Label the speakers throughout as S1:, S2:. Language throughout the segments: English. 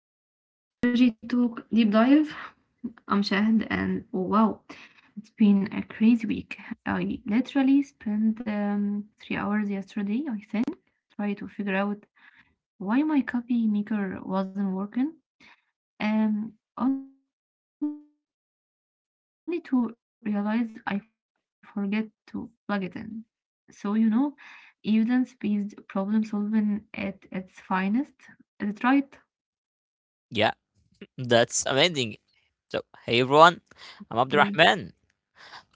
S1: to Technology Talk Deep Dive. I'm Shahad, and oh wow, it's been a crazy week. I literally spent 3 hours yesterday, I think, trying to figure out why my coffee maker wasn't working, only to realize I forget to plug it in. So, you know, evidence-based problem solving at its finest. Is it right?
S2: Yeah, that's
S1: Yeah.
S2: amazing. So, hey everyone, I'm Abdurrahman,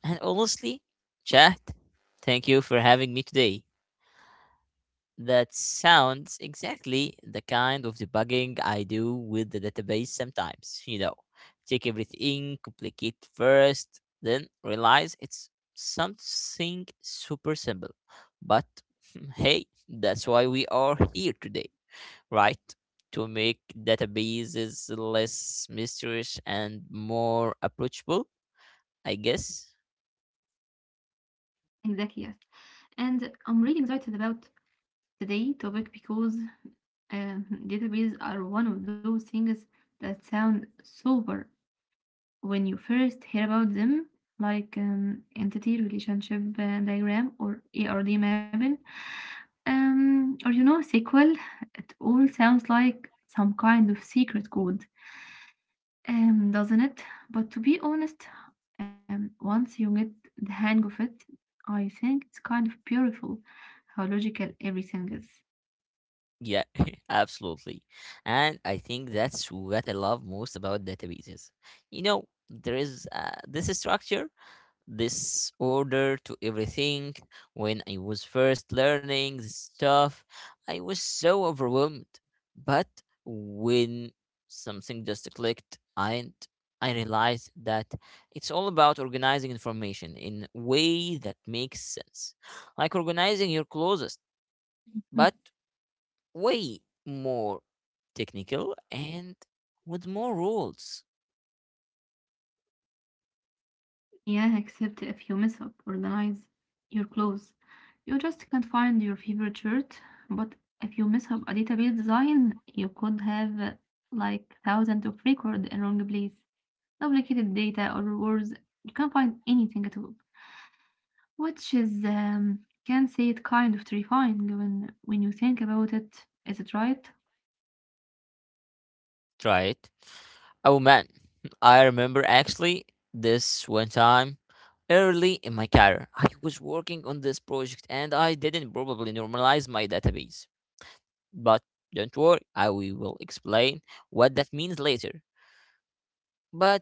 S2: and honestly, chat, thank you for having me today. That sounds exactly the kind of debugging I do with the database sometimes. You know, take everything, complicate first, then realize it's something super simple. But hey, that's why we are here today, right? To make databases less mysterious and more approachable, I guess.
S1: Exactly, and I'm really excited about today topic because databases are one of those things that sound super when you first hear about them, like entity relationship diagram or ERD mapping, or you know SQL. It all sounds like some kind of secret code, doesn't it? But to be honest, once you get the hang of it, I think it's kind of beautiful how logical everything is.
S2: Yeah, absolutely. And I think that's what I love most about databases. You know, there is this structure, this order to everything. When I was first learning this stuff, I was so overwhelmed. But when something just clicked, and I realized that it's all about organizing information in a way that makes sense, like
S1: Mm.
S2: organizing your closest, but way more technical and with more rules.
S1: Yeah, except if you mess up, organize your clothes. You just can't find your favorite shirt, but if you mess up a database design, you could have like thousands of record in wrong place, duplicated data or worse. You can't find anything at all. Which is, can say it kind of terrifying when you think about it. Is it right?
S2: Right. Oh man, I remember actually this one time early in my career. I was working on this project and I didn't probably normalize my database. But don't worry, I we will explain what that means later. But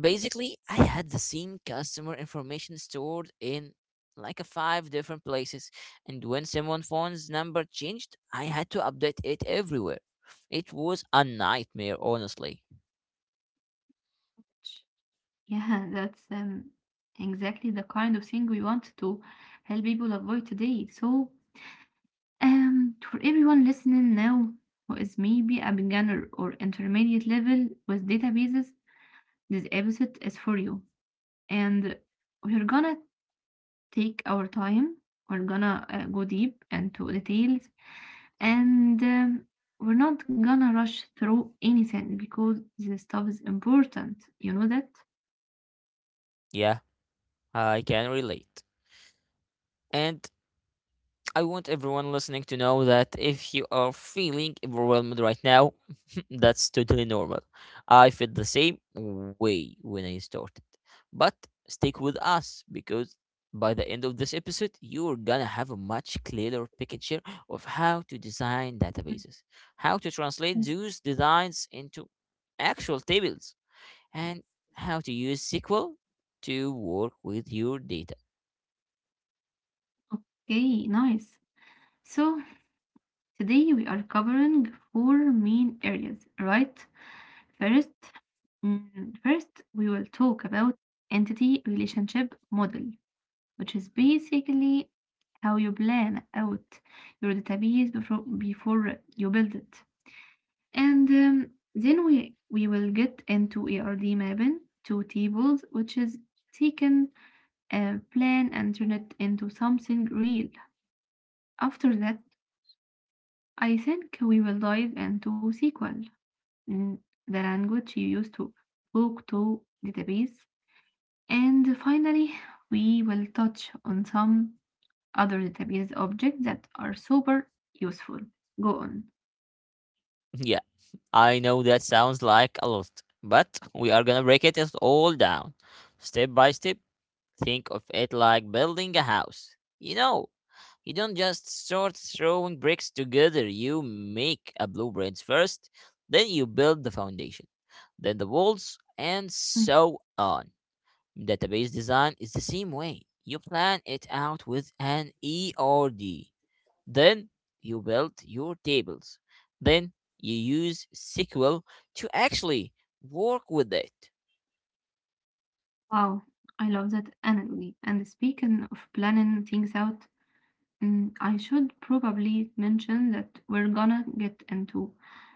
S2: basically, I had the same customer information stored in like a five different places, and when someone phone's number changed, I had to update it everywhere. It was a nightmare, honestly.
S1: Ch- Yeah, that's exactly the kind of thing we want to help people avoid today. So, for everyone listening now who is maybe a beginner or intermediate level with databases, this episode is for you. And we're gonna take our time. We're gonna go deep into details and we're not gonna rush through anything because this stuff is important. You know that?
S2: Yeah, I can relate. And I want everyone listening to know that if you are feeling overwhelmed right now, that's totally normal. I felt the same way when I started. But stick with us because by the end of this episode, you're gonna have a much clearer picture of how to design
S1: Mm.
S2: databases, how to translate
S1: Yes.
S2: those designs into actual tables, and how to use SQL to work with your data.
S1: Okay, nice. So, today we are covering four main areas, right? First, mm, first we will talk about entity relationship model, which is basically how you plan out your database before you build it. And then we will get into ARD mapping to tables, which is taken a plan and turn it into something real. After that, I think we will dive into SQL, mm, the language you use to talk to database. And finally, we will touch on some other database objects that are super useful. Go on.
S2: I know that sounds like a lot, but we are gonna break it is all down. Step by step, think of it like building a house. You know, you don't just start throwing bricks together, you make a blueprints first, then you build the foundation, then the walls, and
S1: Mm.
S2: so on. Database design is the same way. You plan it out with an ERD. Then you build your tables. Then you use SQL to actually work with it.
S1: Wow, I love that analogy. And speaking of planning things out, I should probably mention that we're gonna get into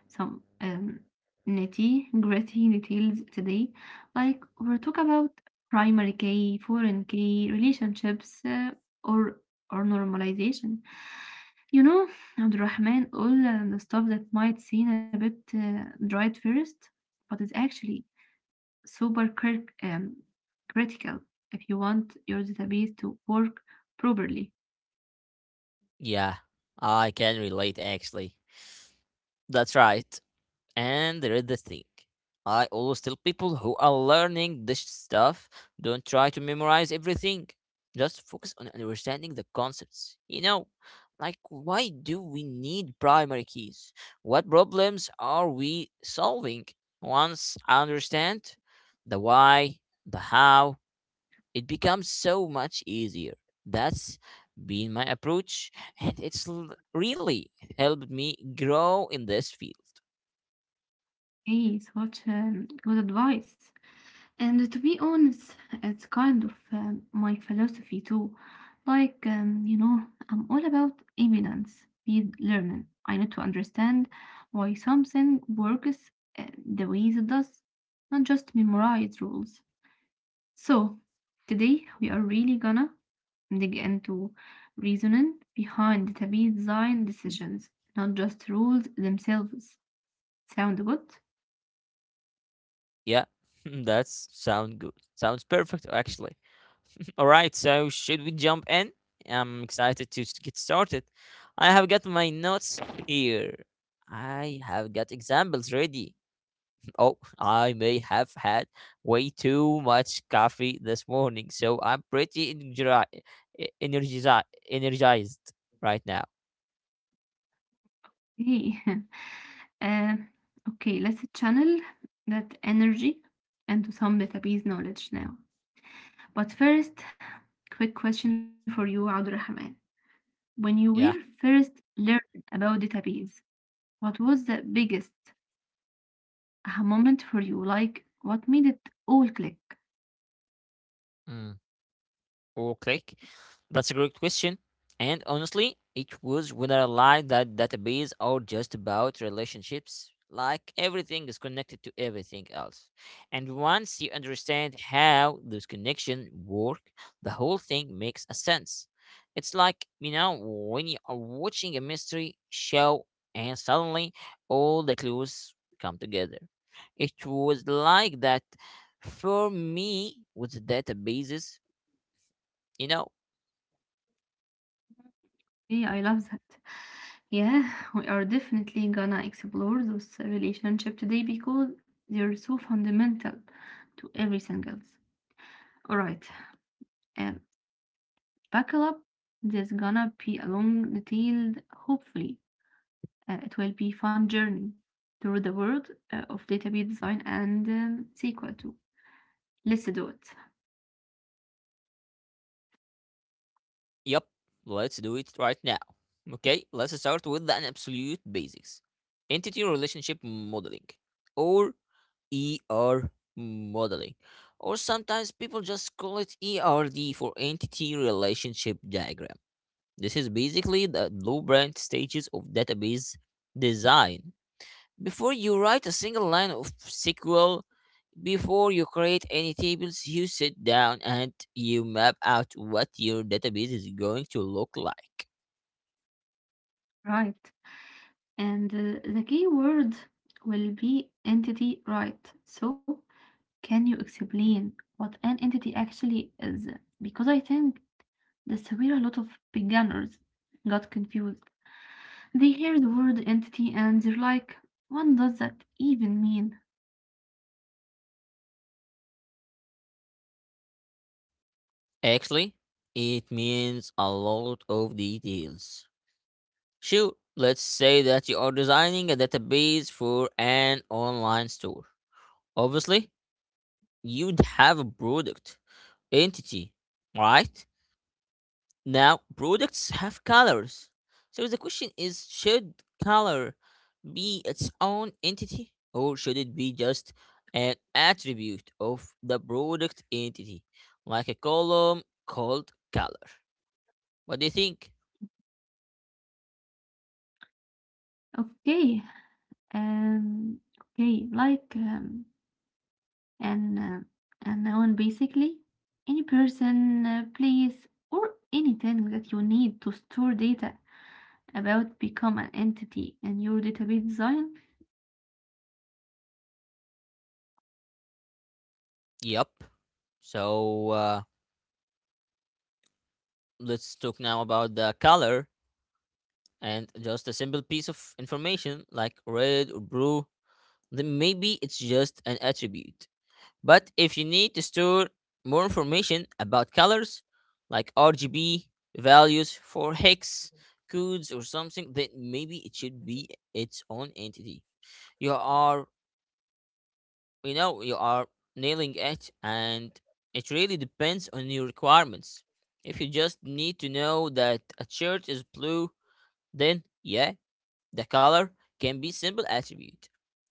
S1: some nitty gritty details today. Like, we'll talk about primary K, foreign K, relationships, or or normalization. You know, Abdurrahman, all the stuff that might seem a bit dry at first, but it's actually super critical if you want your database to work properly.
S2: Yeah, I can relate actually. That's right. And there is the thing. I always tell people who are learning this stuff, don't try to memorize everything. Just focus on understanding the concepts. You know, like why do we need primary keys? What problems are we solving? Once I understand the why, the how, it becomes so much easier. That's been my approach, and it's really helped me grow in this field.
S1: Hey, such good advice. And to be honest, it's kind of my philosophy too. Like, you know, I'm all about evidence based learning. I need to understand why something works uh, the way it does, not just memorize rules. So, today we are really gonna dig into reasoning behind database design decisions, not just rules themselves. Sound good?
S2: Yeah, that's sound good. Sounds perfect, actually. All right, so should we jump in? I'm excited to get started. I have got my notes here. I have got examples ready. Oh, I may have had way too much coffee this morning, so I'm energized right now.
S1: Hey. Um, okay, let's channel that energy into some database knowledge now. But first, quick question for you, Abdulrahman. When you were
S2: Yeah.
S1: first learning about database, what was the biggest aha moment for you? Like, what made it all click?
S2: Hmm. Or click? That's a great question. And honestly, it was when I realized that databases are just about relationships. Like everything is connected to everything else. And once you understand how those connections work, the whole thing makes a sense. It's like, you know, when you are watching a mystery show and suddenly all the clues come together. It was like that for me with databases. You know,
S1: Okay, I love that. Yeah, we are definitely gonna explore those relationship today because they're so fundamental to everything else. All right. um, Buckle up. There's gonna be a long, detailed, hopefully, it will be fun journey through the world of database design and SQL too. Let's do it.
S2: yep, let's do it right now. Okay, let's start with the absolute basics, entity relationship modeling, or ER modeling, or sometimes people just call it ERD for entity relationship diagram. This is basically the blueprint stages of database design. Before you write a single line of SQL, before you create any tables, you sit down and you map out what your database is going to look like.
S1: Right. And the key word will be entity right. So, can you explain what an entity actually is? Because I think that's where a lot of beginners got confused. They hear the word entity and they're like, what does that even mean?
S2: Actually, it means a lot of details. Sure, let's say that you are designing a database for an online store. Obviously, you'd have a product entity, right? Now, products have colors. So the question is, should color be its own entity, or should it be just an attribute of the product entity, like a column called color? What do you think?
S1: Okay, okay, like an A noun basically, any person, place, or anything that you need to store data about become an entity in your database design.
S2: Yep. So let's talk now about the color and just a simple piece of information like red or blue. Then maybe it's just an attribute. But if you need to store more information about colors, like RGB values for hex codes or something, then maybe it should be its own entity. You are you know you are nailing it, and it really depends on your requirements. If you just need to know that a shirt is blue, then yeah, the color can be simple attribute,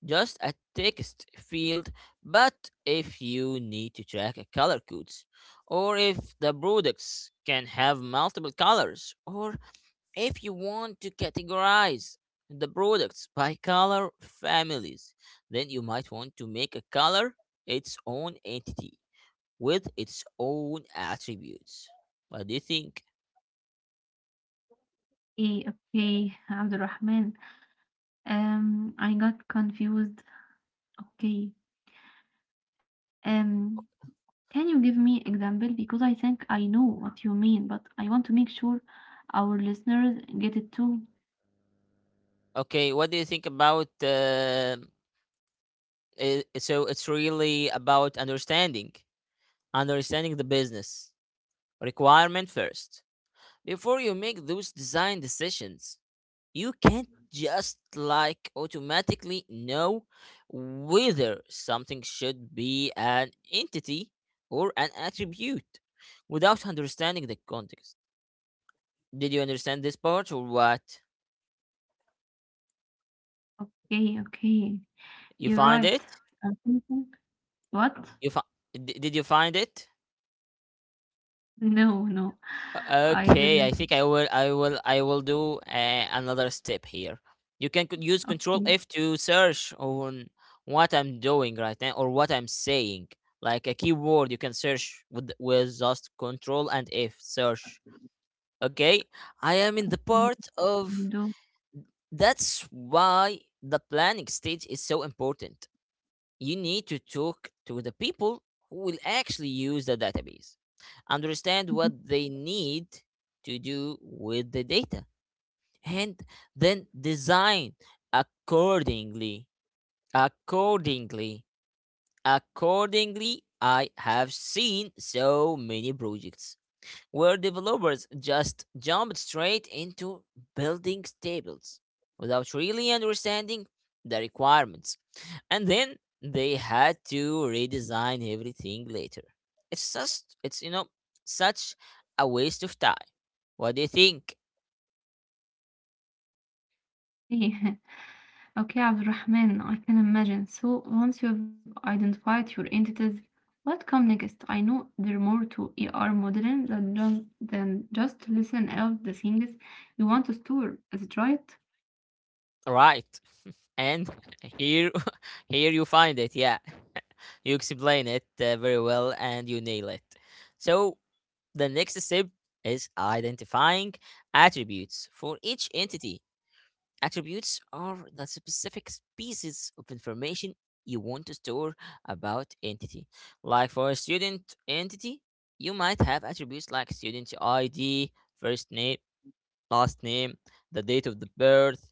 S2: just a text field. But if you need to track a color codes, or if the products can have multiple colors, or if you want to categorize the products by color families, then you might want to make a color its own entity with its own attributes. What do you think?
S1: Okay, okay, Abdulrahman. I got confused. Okay, um, Can you give me example? Because I think I know what you mean, but I want to make sure our listeners get it too.
S2: Okay, what do you think about? I so it's really about understanding the business requirement first before you make those design decisions. You can't just like automatically know whether something should be an entity or an attribute without understanding the context. Did you understand this part or what?
S1: Okay, okay.
S2: You
S1: You're
S2: find
S1: right.
S2: it?
S1: I'm thinking- What?
S2: You fi- did you find it?
S1: No, no. I
S2: Okay, I
S1: didn't.
S2: think I will do another step here. You can use control
S1: Okay.
S2: F to search on what I'm doing right now or what I'm saying. Like a keyword you can search with just control and F search. Okay? I am in the
S1: You
S2: part of
S1: do.
S2: that's why the planning stage is so important. You need to talk to the people who will actually use the database, understand what they need to do with the data, and then design accordingly. Accordingly, accordingly, I have seen so many projects where developers just jumped straight into building tables without really understanding the requirements. And then they had to redesign everything later. It's just it's you know such a waste of time. What do you think?
S1: Okay, Abdurrahman, I can imagine. So once you've identified your entities, what come next? I know there are more to ER modeling than, than just listen out the things you want to store. Is it right?
S2: Right. And here here you find it. Yeah. you explain it very well and you nail it. So the next step is identifying attributes for each entity. Attributes are the specific pieces of information you want to store about entity. Like for a student entity, you might have attributes like student ID, first name, last name, the date of the birth,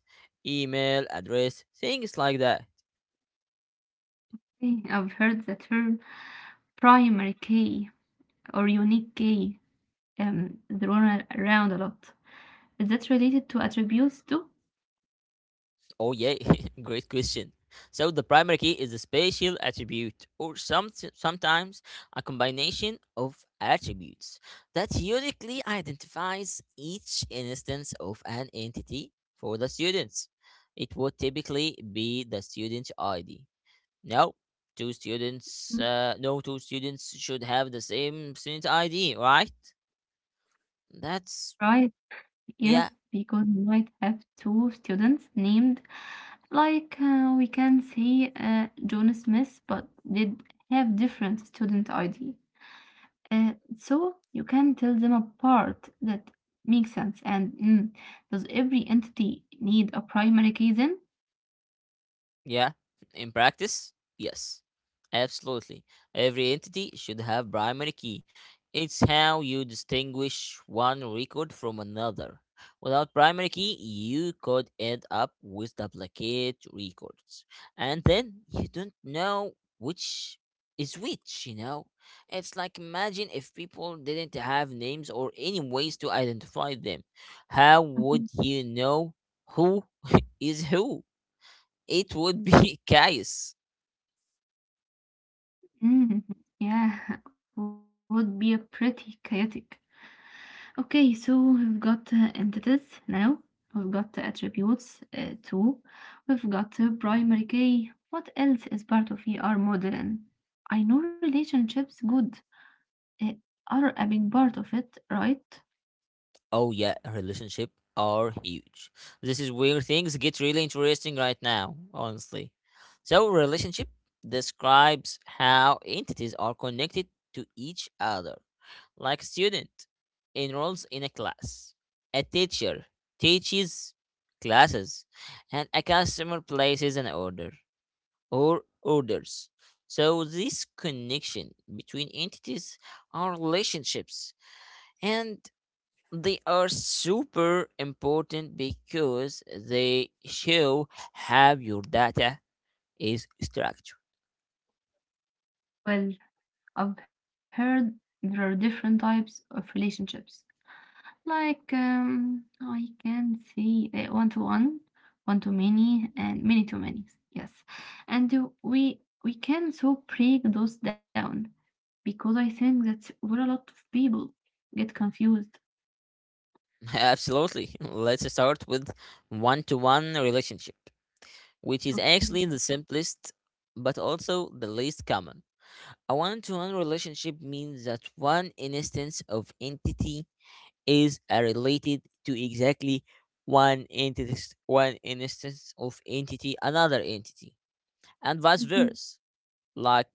S2: email address, things like that.
S1: Hey, I've heard the term primary key or unique key thrown around a lot. Is that related to attributes too?
S2: Oh, yeah, great question. So, the primary key is a spatial attribute, or sometimes a combination of attributes that uniquely identifies each instance of an entity for the students. It would typically be the student ID. No,
S1: Mm.
S2: no two students should have the same student ID, right? That's,
S1: Right, yes,
S2: yeah,
S1: because you might have two students named like we can say John Smith, but did have different student ID. Uh, so you can tell them apart, that makes sense. And does every entity need a primary key then?
S2: yeah, in practice, yes, absolutely. Every entity should have primary key. It's how you distinguish one record from another. Without primary key, you could end up with duplicate records. And then you don't know which is which, you know? It's like imagine if people didn't have names or any ways to identify them. How
S1: Mhm.
S2: would you know who is who? It would be chaos.
S1: Mm, yeah, would be a pretty chaotic. Okay, so we've got entities now, we've got attributes too, we've got primary key. What else is part of ER modeling? I know relationships good uh, are a big part of it, right?
S2: Oh yeah, relationship are huge. This is where things get really interesting right now, honestly. So relationship describes how entities are connected to each other. Like student enrolls in a class, a teacher teaches classes, and a customer places an order or orders. So this connection between entities are relationships, and they are super important because they show how your data is structured.
S1: Well, I've heard there are different types of relationships. Like, oh, I can see one to one, one to many, and many to many. Yes, and we can so break those down because I think that's where a lot of people get confused.
S2: Absolutely. Let's start with one to one relationship, which is actually the
S1: Okay.
S2: simplest but also the least common. A one to one relationship means that one instance of entity is related to exactly one entity, one instance of entity, another entity, and vice versa.
S1: Mhm,
S2: Like,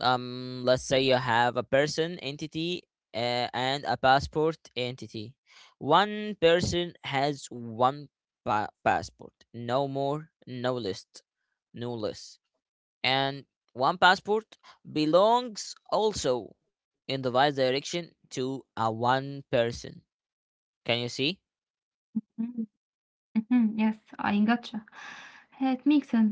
S2: let's say you have a person entity and a passport entity. One person has one passport, no more, no list, no less, and one passport belongs also in the vice direction to a one person. Can you see?
S1: mhm, mhm. Yes, I gotcha. It makes sense.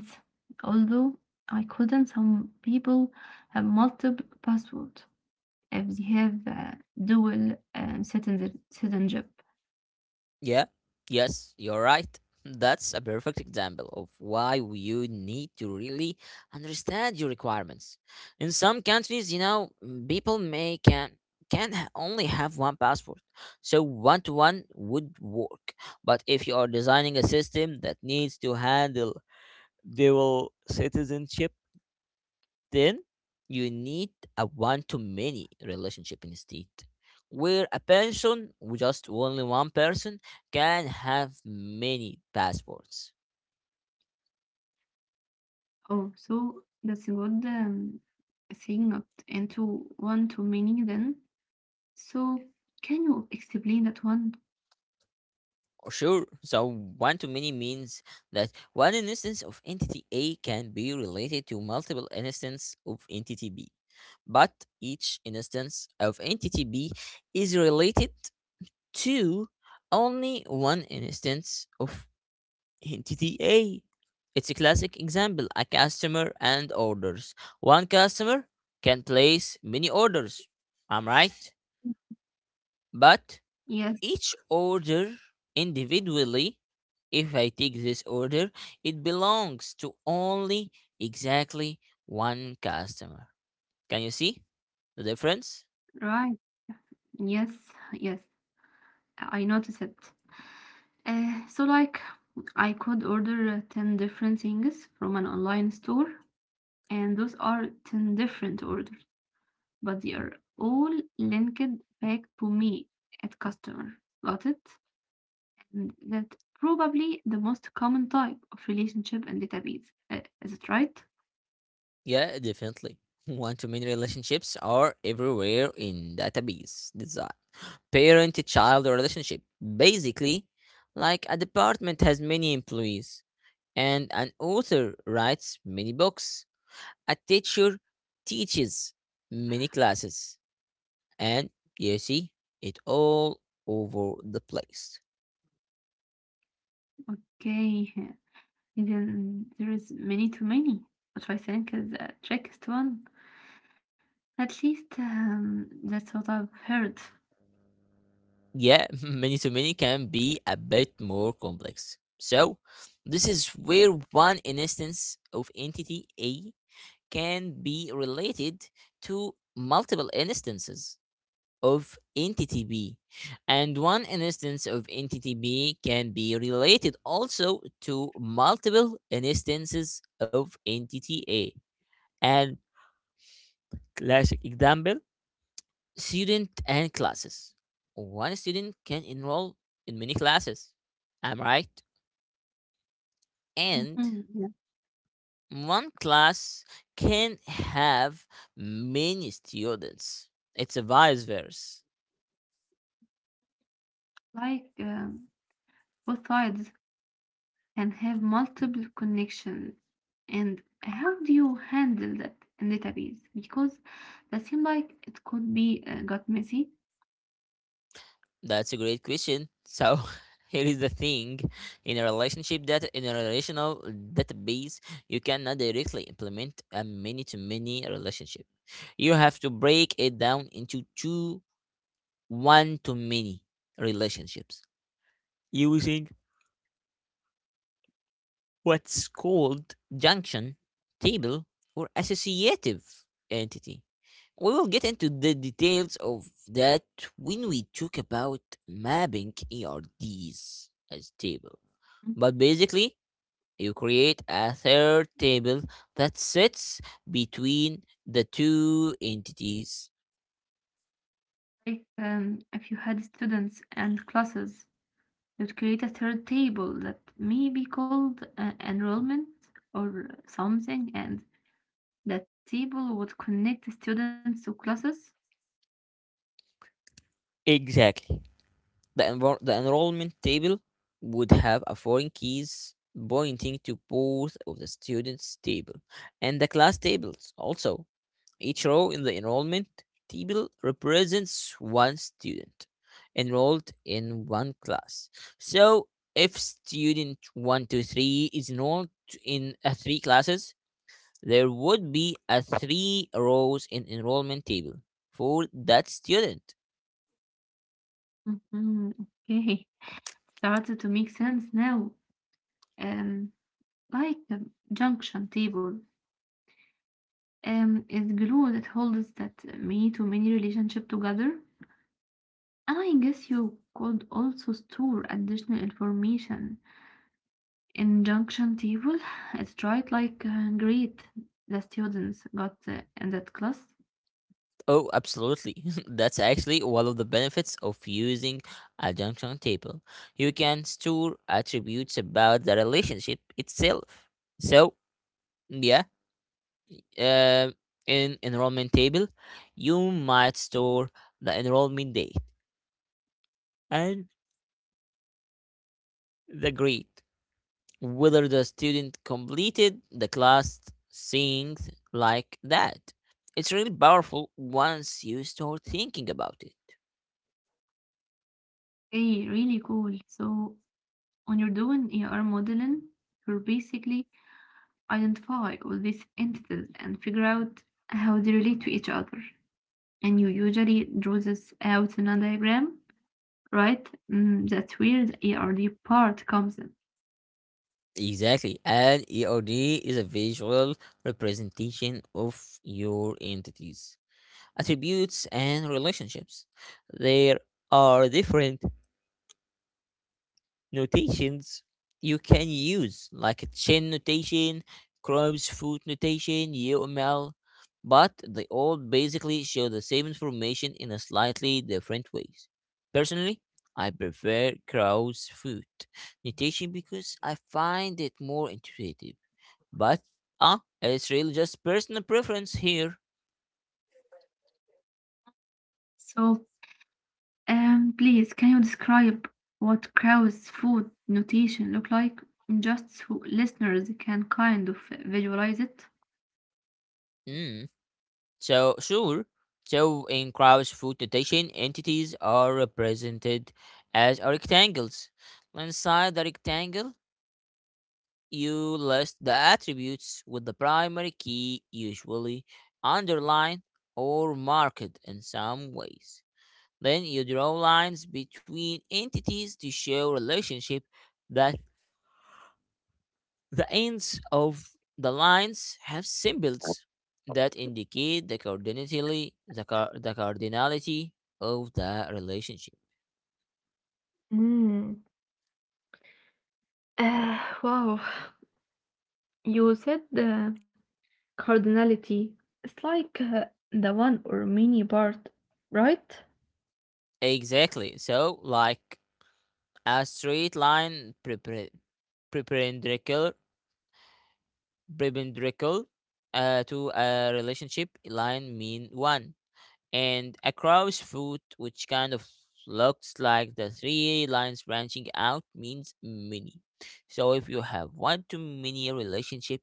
S1: Although I couldn't, some people have multiple passwords if they have dual citizenship.
S2: Yeah. Yes, you're right. That's a perfect example of why you need to really understand your requirements. In some countries, you know, people may only have one passport. So one to one would work. But if you are designing a system that needs to handle dual citizenship, then you need a one to many relationship instead, where a person with just only one person can have many passports.
S1: Oh, so that's a good thing, not into one too many then. So can you explain that one?
S2: Oh, sure, so one to many means that one instance of entity A can be related to multiple instances of entity B, but each instance of entity B is related to only one instance of In TTA, it's a classic example a customer and orders. One customer can place many orders. I'm right. But
S1: Yes,
S2: each order individually, if I take this order, it belongs to only exactly one customer. Can you see the difference?
S1: right. Yes, yes, I noticed it. So like I could order 10 different things from an online store, and those are 10 different orders, but they are all linked back to me at customer. Got it? That's probably the most common type of relationship and database. Is it right?
S2: Yeah, definitely. One to many relationships are everywhere in database design. Parent child relationship. Basically, like a department has many employees, and an author writes many books, a teacher teaches many classes, and you see it all over the place.
S1: Okay, then there is many too many, but I think is the trickiest one. At least that's what I've heard.
S2: Yeah, many to many can be a bit more complex. So, this is where one instance of entity A can be related to multiple instances of entity B, and one instance of entity B can be related also to multiple instances of entity A. And classic example student and classes. One student can enroll in many classes. Am I right? And
S1: Mhm, yeah.
S2: one class can have many students. It's a vice versa.
S1: Like both sides can have multiple connections, and how do you handle that in database? Because that seems like it could be got messy.
S2: That's a great question. So, here is the thing. In a relationship data in a relational database, you cannot directly implement a many to many relationship. You have to break it down into two one to many relationships using what's called junction table or associative entity. We will get into the details of that when we talk about mapping ERDs as table. But basically, you create a third table that sits between the two entities.
S1: Like, if you had students and classes, you'd create a third table that may be called enrollment or something, and that table would connect students to classes.
S2: Exactly. The enrollment table would have a foreign keys pointing to both of the students' table and the class tables. Also, each row in the enrollment table represents one student enrolled in one class. So, if student 123 is enrolled in three classes, there would be a three rows in enrollment table for that student.
S1: Mhm. Okay, started to make sense now. Um, like a junction table. Is glue that holds that many-to-many relationship together. And I guess you could also store additional information injunction table. It's right like great. The students got in that class.
S2: Oh, absolutely. That's actually one of the benefits of using a junction table. You can store attributes about the relationship itself. So, yeah, um, in enrollment table, you might store the enrollment date and the grade whether the student completed the class things like that. It's really powerful once you start thinking about it.
S1: Hey, really cool. So when you're doing ER modeling, you're basically identify all these entities and figure out how they relate to each other. And you usually draw this out in a diagram, right? That's where the ERD part comes in.
S2: Exactly. And ERD is a visual representation of your entities, attributes, and relationships. There are different notations you can use, like a chain notation, Grimm's foot notation, UML, but they all basically show the same information in a slightly different ways. Personally, I prefer crow's foot notation because I find it more intuitive. But it's really just personal preference here.
S1: So please, can you describe what Krauss food notation look like, just so listeners can kind of visualize it?
S2: Mm. So, sure. So, in Kraus food notation, entities are represented as rectangles. Inside the rectangle, you list the attributes with the primary key usually underlined or marked in some ways. Then you draw lines between entities to show relationship that the ends of the lines have symbols that indicate the cardinality, the cardinality of the relationship.
S1: Mm. Wow. You said the cardinality. It's like the one or mini part, right?
S2: Exactly. So, like a straight line perpendicular perpendicular to a relationship line mean one, and a cross foot, which kind of looks like the three lines branching out, means many. So if you have one too many relationship.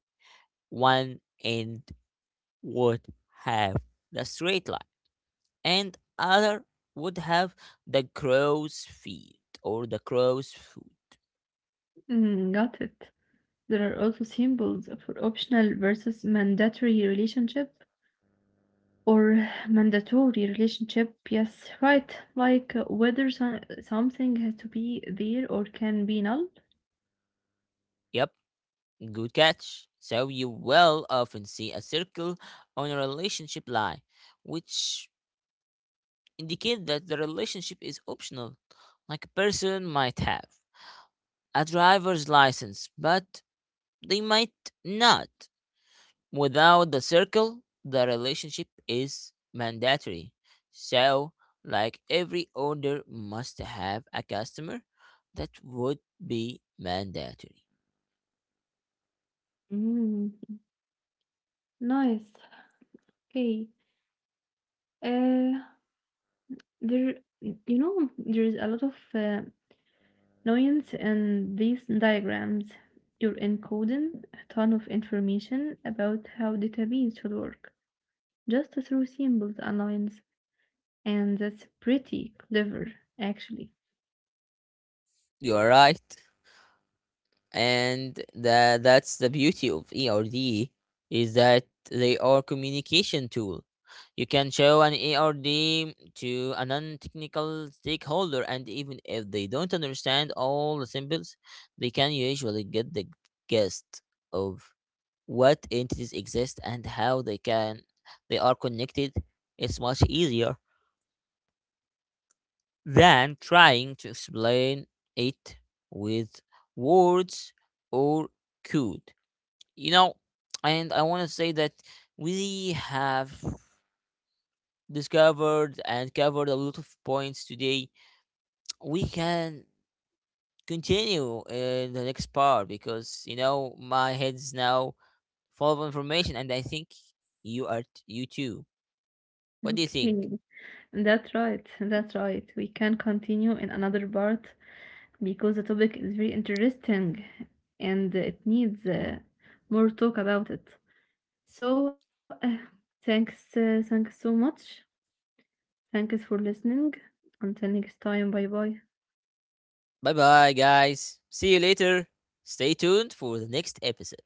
S2: One end would have the straight line, and other would have the crow's feet or the crow's foot.
S1: Got it. There are also symbols for optional versus mandatory relationship or mandatory relationship. Yes, right. Like whether something has to be there or can be null.
S2: Yep, good catch. So you will often see a circle on a relationship line, which indicate that the relationship is optional, like a person might have a driver's license, but they might not. Without the circle, the relationship is mandatory. So, like every order must have a customer, that would be mandatory.
S1: Mm, nice. Okay. Uh, there, you know, there is a lot of nuance in these diagrams. You're encoding a ton of information about how database should work just through symbols and lines, and that's pretty clever, actually.
S2: You're right. And that's the beauty of ERD is that they are communication tool. You can show an ERD to a non-technical stakeholder, and even if they don't understand all the symbols, they can usually get the gist of what entities exist and how they are connected. It's much easier than trying to explain it with words or code you know, and I want to say that we have discovered and covered a lot of points today. We can continue in the next part because my head's now full of information, and I think you too. What do you think?
S1: Okay. That's right, that's right. We can continue in another part because the topic is very interesting and it needs more talk about it. So, thanks, thanks so much. Thanks for listening. Until next time, bye bye.
S2: Bye bye, guys. See you later. Stay tuned for the next episode.